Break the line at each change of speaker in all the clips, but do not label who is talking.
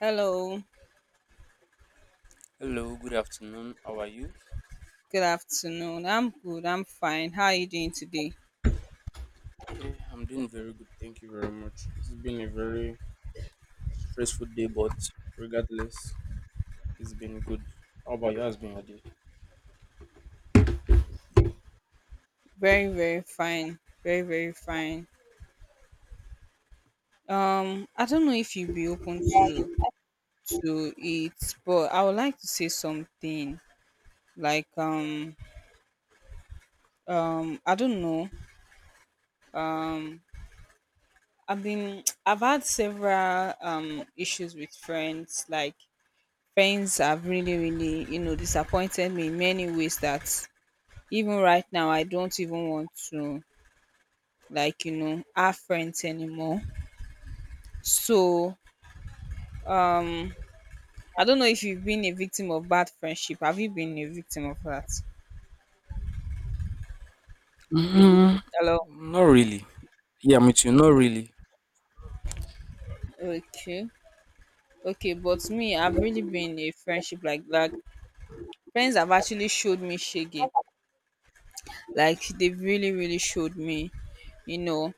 Hello,
Hello, good afternoon. How are you?
good afternoon. I'm good. I'm fine. How are you doing today?
I'm doing very good. Thank you very much. It's been a very stressful day, but regardless, it's been good. How about you? How's been your day?
Very, very fine. Very, very fine. I don't know if you'd be open to it, but I would like to say something. Like I don't know. Um I've been I've had several issues with friends. Like friends have really, really, disappointed me in many ways that even right now I don't even want to like our friends anymore. So um I don't know if you've been a victim of bad friendship. Have you been a victim of that?
Mm,
Hello?
not really. Yeah, I me you. Not really.
Okay. Okay, but me, I've really been a friendship like that. Friends have actually showed me shege. Like, they've really, really showed me, you know.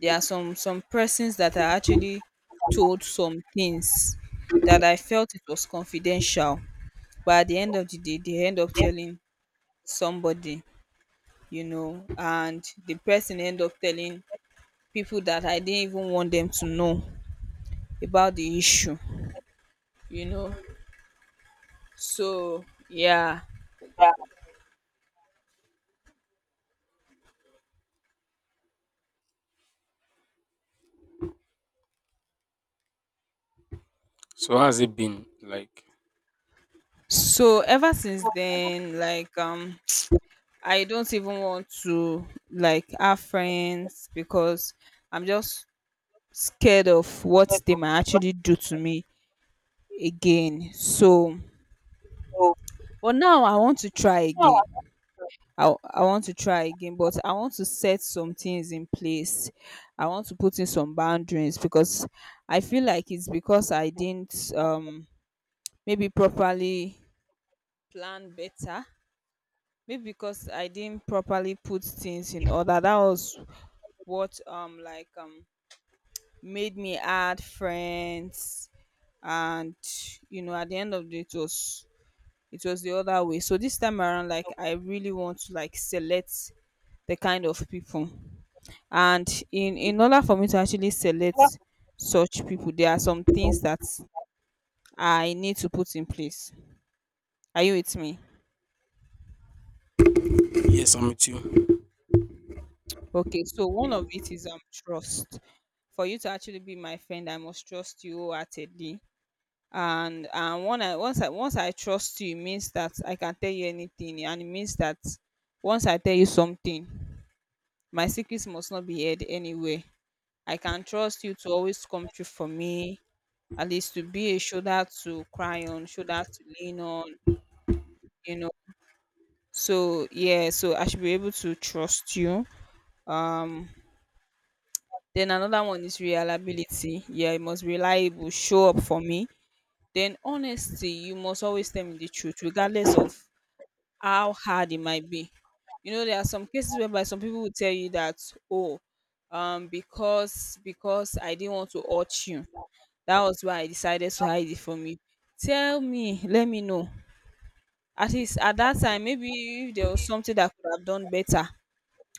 There are some persons that are actually told some things that I felt it was confidential, but at the end of the day they end up telling somebody, you know, and the person end up telling people that I didn't even want them to know about the issue, you know. So, yeah.
So, how's it been? Like,
So ever since then, I don't even want to like have friends because I'm just scared of what they might actually do to me again. So but now I want to try again. I want to try again, but I want to set some things in place. I want to put in some boundaries because I feel like it's because I didn't maybe properly plan better. Maybe because I didn't properly put things in order. That was what made me add friends and, you know, at the end of the day it was the other way. So this time around, like, I really want to like select the kind of people. And in order for me to actually select such people, there are some things that I need to put in place. Are you with me?
yes, I'm with you.
Okay, so one of it is trust. For you to actually be my friend, I must trust you wholeheartedly. And and one I, once i once i trust you, it means that I can tell you anything, and it means that once I tell you something, my secrets must not be heard anywhere. I can trust you to always come true for me, at least to be a shoulder to cry on, shoulder to lean on, you know. So yeah, so I should be able to trust you. Um then another one is reliability. Yeah, you must be reliable, show up for me. Then honesty, you must always tell me the truth, regardless of how hard it might be. You know, there are some cases whereby some people will tell you that, oh, because I didn't want to hurt you, that was why I decided to hide it from you. Tell me, let me know. At least at that time, maybe if there was something that I could have done better,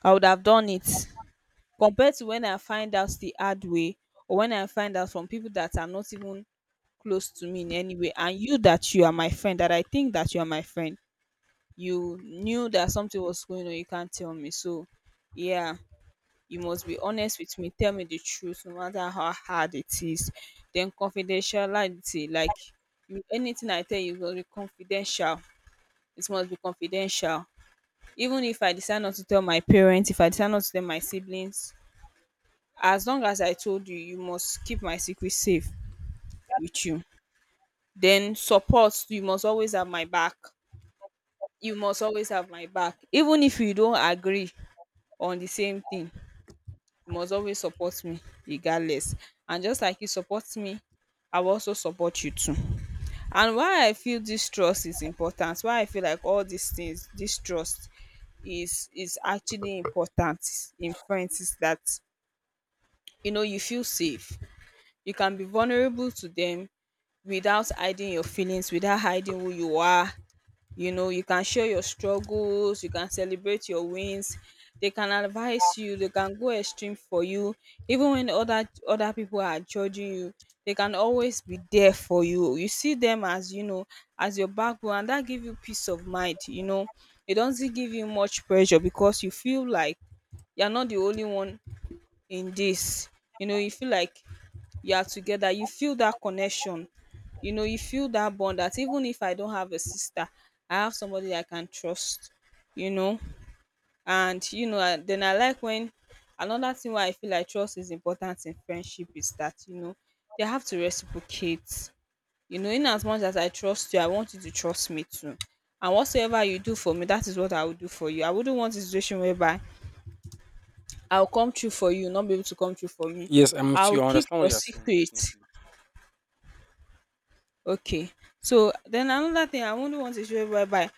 I would have done it, compared to when I find out the hard way, or when I find out from people that are not even close to me in any way. And you, that you are my friend, that I think that you are my friend, you knew that something was going on, you can't tell me. So yeah, you must be honest with me, tell me the truth no matter how hard it is. Then confidentiality, like, anything I tell you must be confidential. It must be confidential. Even if I decide not to tell my parents, if I decide not to tell my siblings, as long as I told you, you must keep my secret safe with you. Then support, you must always have my back. You must always have my back, even if you don't agree on the same thing. You must always support me regardless. And just like you support me, I will also support you too. And why I feel this trust is important, why I feel like all these things, this trust is actually important in friends, is that, you know, you feel safe. You can be vulnerable to them without hiding your feelings, without hiding who you are. You know, you can share your struggles, you can celebrate your wins. They can advise you, they can go extreme for you even when other people are judging you. They can always be there for you. You see them as, you know, as your backbone, and that give you peace of mind, you know. It doesn't give you much pressure because you feel like you're not the only one in this, you know. You feel like you are together, you feel that connection, you know, you feel that bond, that even if I don't have a sister, I have somebody I can trust, you know. And you know, and then I like when another thing why I feel like trust is important in friendship is that, you know, they have to reciprocate. You know, in as much as I trust you, I want you to trust me too. And whatsoever you do for me, that is what I will do for you. I wouldn't want a situation whereby I'll come true for you, not be able to come true for me.
Yes, I'm with you.
I'll
I
keep
understand what
your
you're saying,
secret.
definitely.
Okay. So then another thing I only want to is whereby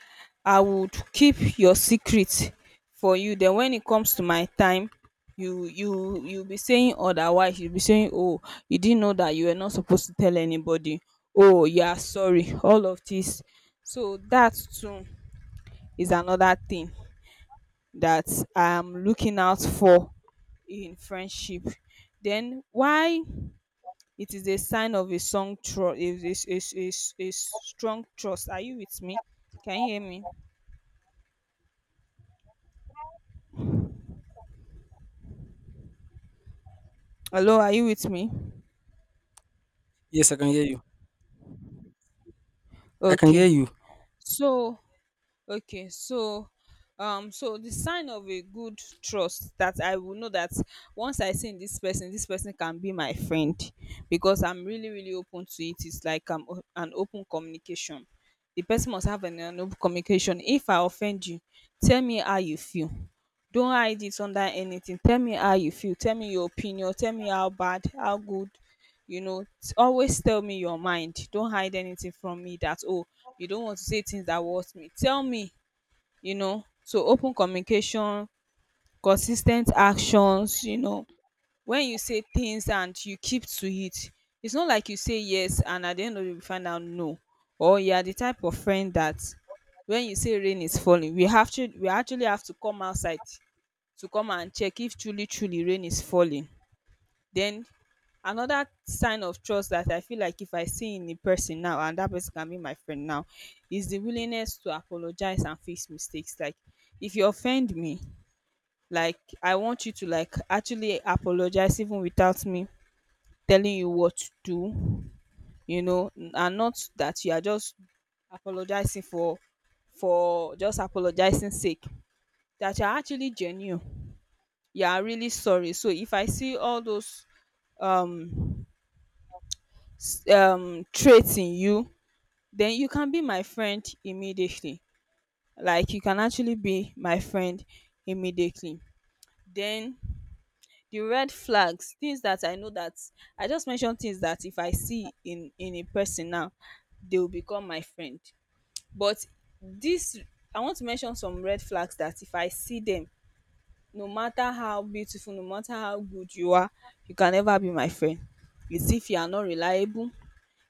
I would keep your secret for you. Then when it comes to my time, you'll be saying otherwise. You'll be saying, oh, you didn't know that you were not supposed to tell anybody. Oh, you are sorry. All of this. So that too is another thing that I'm looking out for in friendship. Then why it is a sign of a song tru- a strong trust. Are you with me? Can you hear me? Hello, are you with me?
Yes, I can hear you. I can hear
Okay.
you.
So okay, so so the sign of a good trust that I will know that once I see in this person can be my friend, because I'm really, really open to it. It's like, an open communication. The person must have an open communication. If I offend you, tell me how you feel. Don't hide it under anything. Tell me how you feel. Tell me your opinion. Tell me how bad, how good. You know, always tell me your mind. Don't hide anything from me, that oh, you don't want to say things that will hurt me. Tell me, you know. So open communication, consistent actions, you know, when you say things and you keep to it. It's not like you say yes and at the end of the day you find out no. Or you are the type of friend that when you say rain is falling, we have to we actually have to come outside to come and check if truly, truly rain is falling. Then another sign of trust that I feel like, if I see in a person now and that person can be my friend now, is the willingness to apologize and fix mistakes. Like, if you offend me, like, I want you to like actually apologize even without me telling you what to do, you know, and not that you are just apologizing for just apologizing sake, that you're actually genuine, you are really sorry. So if I see all those um traits in you, then you can be my friend immediately. Like, you can actually be my friend immediately. Then the red flags, things that I know that I just mentioned, things that if I see in a person now, they will become my friend. But this, I want to mention some red flags that if I see them, no matter how beautiful, no matter how good you are, you can never be my friend. It's if you are not reliable,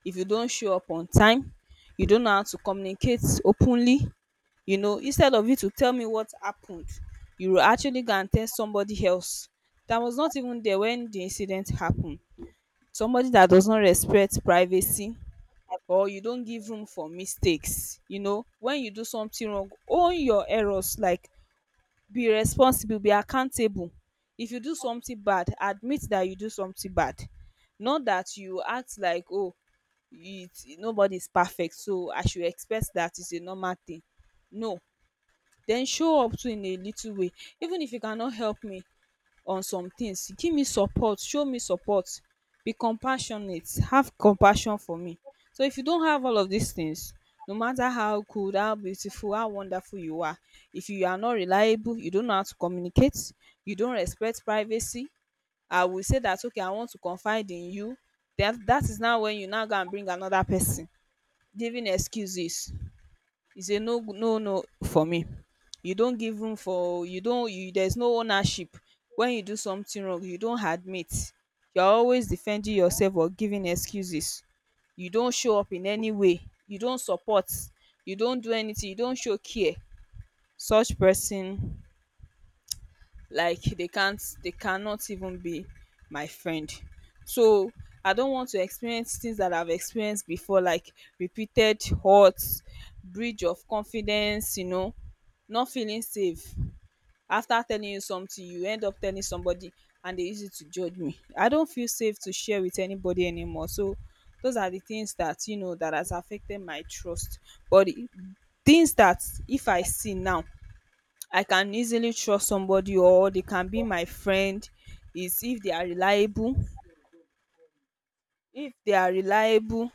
if you don't show up on time, you don't know how to communicate openly. You know, instead of you to tell me what happened, you will actually go and tell somebody else that was not even there when the incident happened. Somebody that does not respect privacy, or you don't give room for mistakes. You know, when you do something wrong, own your errors, like, be responsible, be accountable. If you do something bad, admit that you do something bad. Not that you act like, oh, it's nobody's perfect, so I should expect that it's a normal thing. No. Then show up to in a little way, even if you cannot help me on some things, give me support, show me support, be compassionate, have compassion for me. So if you don't have all of these things, no matter how good, how beautiful, how wonderful you are, if you are not reliable, you don't know how to communicate, you don't respect privacy. I will say that, okay, I want to confide in you, that that is now when you now go and bring another person, giving excuses, is a no, no, no for me. You don't give room for you don't you there's no ownership. When you do something wrong, you don't admit. You're always defending yourself or giving excuses. You don't show up in any way. You don't support. You don't do anything. You don't show care. Such person, like, they cannot even be my friend. So I don't want to experience things that I've experienced before, like repeated hurts, breach of confidence, you know, not feeling safe. After telling you something, you end up telling somebody, and they use it to judge me. I don't feel safe to share with anybody anymore. So those are the things that, you know, that has affected my trust. But the things that if I see now, I can easily trust somebody or they can be my friend, is if they are reliable, if they are reliable,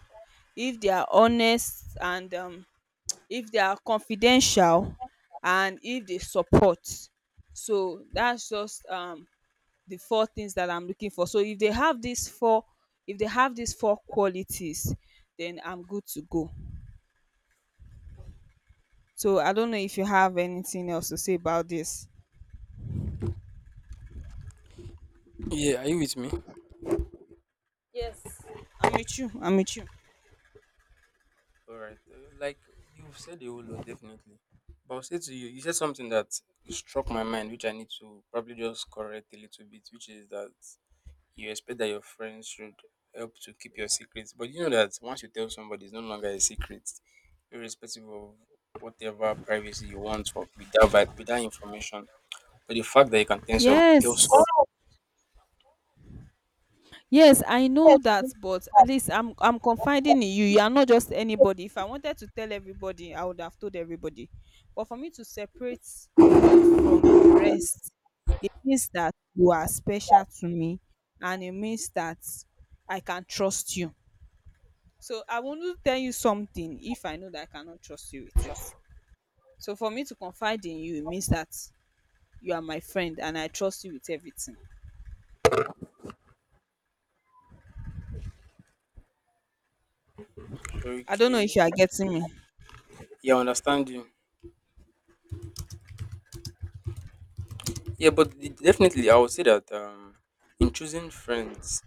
if they are honest, and if they are confidential, and if they support. So that's just the four things that I'm looking for. So if they have these four, if they have these four qualities, then I'm good to go. So I don't know if you have anything else to say about this.
Yeah, are you with me?
Yes. I'm with you. I'm with you.
All right. Like you've said a whole lot, definitely. But I'll say to you, you said something that struck my mind, which I need to probably just correct a little bit, which is that you expect that your friends should help to keep your secrets. But you know that once you tell somebody, it's no longer a secret, irrespective of whatever privacy you want for with that, with that information. But the fact that you can tell some.
Yes. Yes, I know that, but at least I'm confiding in you. You are not just anybody. If I wanted to tell everybody, I would have told everybody. But for me to separate you from the rest, it means that you are special to me, and it means that I can trust you. So I won't tell you something if I know that I cannot trust you with it. So for me to confide in you, it means that you are my friend and I trust you with everything. I don't know if
Okay,
you are getting me.
yeah, I understand you. Yeah, but definitely, I would say that in choosing friends,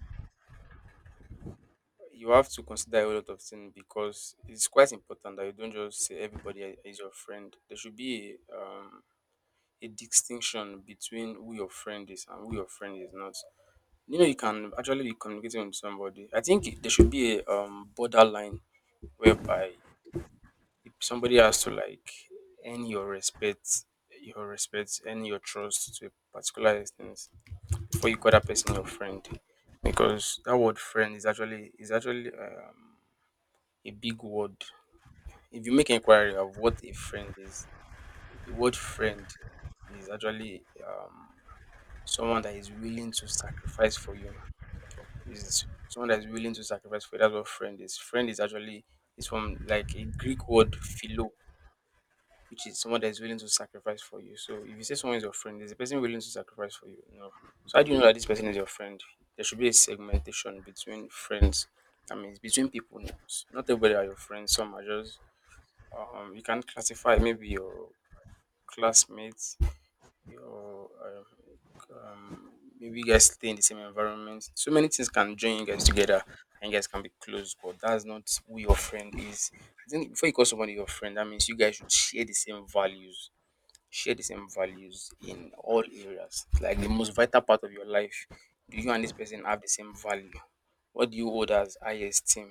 you have to consider a whole lot of things because it's quite important that you don't just say everybody is your friend. There should be a distinction between who your friend is and who your friend is not. You know, you can actually be communicating with somebody. I think there should be a borderline whereby if somebody has to like earn your respect, earn your trust to a particular extent before you call that person your friend, because that word friend is actually a big word. If you make inquiry of what a friend is, the word friend is actually someone that is willing to sacrifice for you. Is someone that is willing to sacrifice for you. That's what friend is. Friend is from like a Greek word philo, which is someone that is willing to sacrifice for you. So if you say someone is your friend, is the person willing to sacrifice for you? No. So how do you know that this person is your friend? There should be a segmentation between friends. I mean, it's between people. Not everybody are your friends. Some are just you can classify maybe your classmates, your um, maybe you guys stay in the same environment. So many things can join you guys together and you guys can be close, but that's not who your friend is. I think before you call somebody your friend, that means you guys should share the same values, share the same values in all areas. Like the most vital part of your life, do you and this person have the same value? What do you hold as highest esteem?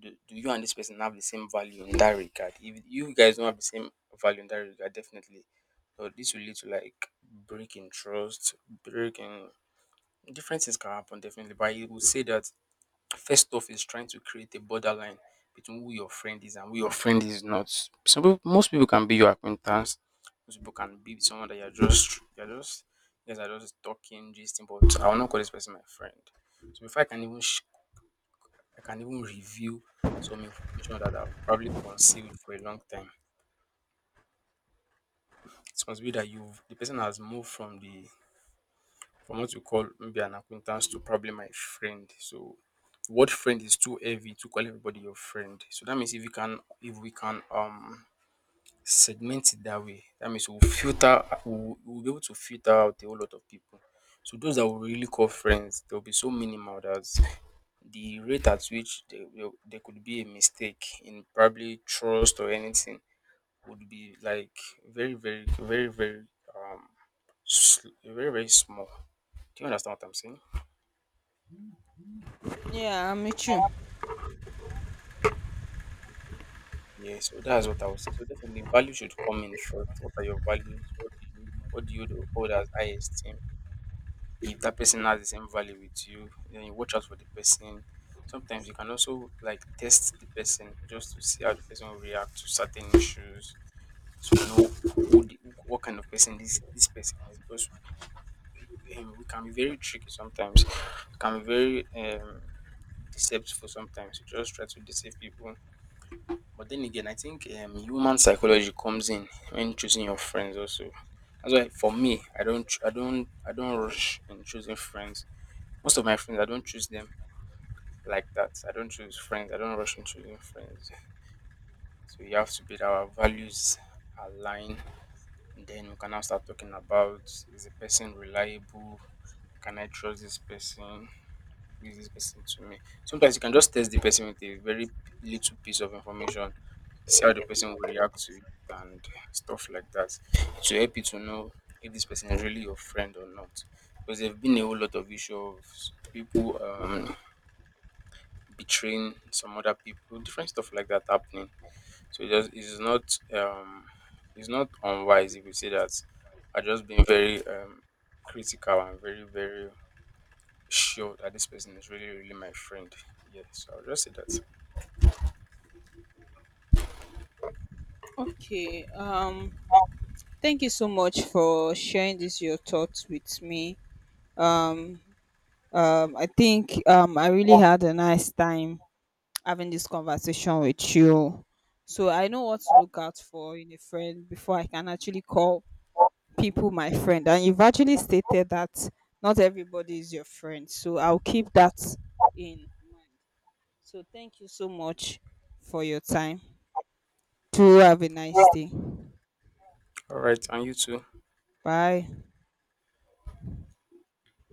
Do you and this person have the same value in that regard? If you guys don't have the same value in that regard, definitely, so this will lead to like breaking trust, breaking differences can happen definitely. But I would say that first off is trying to create a borderline between who your friend is and who your friend is not. Some people, most people can be your acquaintance. Most people can be someone that you guys are just talking, gisting. But I will not call this person my friend. So before I can even reveal some information that I've probably concealed for a long time. It must be that you've the person has moved from the from what you call maybe an acquaintance to probably my friend. So the word friend is too heavy to call everybody your friend. So that means if we can segment it that way, that means we'll be able to filter out a whole lot of people. So those that we really call friends, they'll be so minimal that the rate at which there could be a mistake in probably trust or anything would be like very very very very um very very small. Do you understand what I'm saying?
Yeah, I'm with you.
Yeah, so that's what I would say. So definitely, value should come in first. What are your values? What do you hold as high esteem? If that person has the same value with you, then you watch out for the person. Sometimes you can also like test the person just to see how the person will react to certain issues, so we know who the, what kind of person this person is. Because we can be very tricky sometimes, we can be very deceptive sometimes. We just try to deceive people. But then again, I think human psychology comes in when choosing your friends also. That's why for me, I don't rush in choosing friends. Most of my friends, I don't choose them like that. I don't choose friends. I don't rush in choosing friends. So you have to be that our values align. Then we can now start talking about: is the person reliable? Can I trust this person? Is this person to me? Sometimes you can just test the person with a very little piece of information, see how the person will react to it and stuff like that. To help you to know if this person is really your friend or not. Because there have been a whole lot of issue of people betraying some other people, different stuff like that happening. So it's not unwise if you say that I just being very critical and very very sure that this person is really really my friend. Yeah, so I'll just say that.
Okay. Thank you so much for sharing this your thoughts with me. Um I think I really had a nice time having this conversation with you. So I know what to look out for in a friend before I can actually call people my friend. And you've actually stated that not everybody is your friend. So I'll keep that in mind. So thank you so much for your time. Do have a nice day.
All right, and you too.
Bye.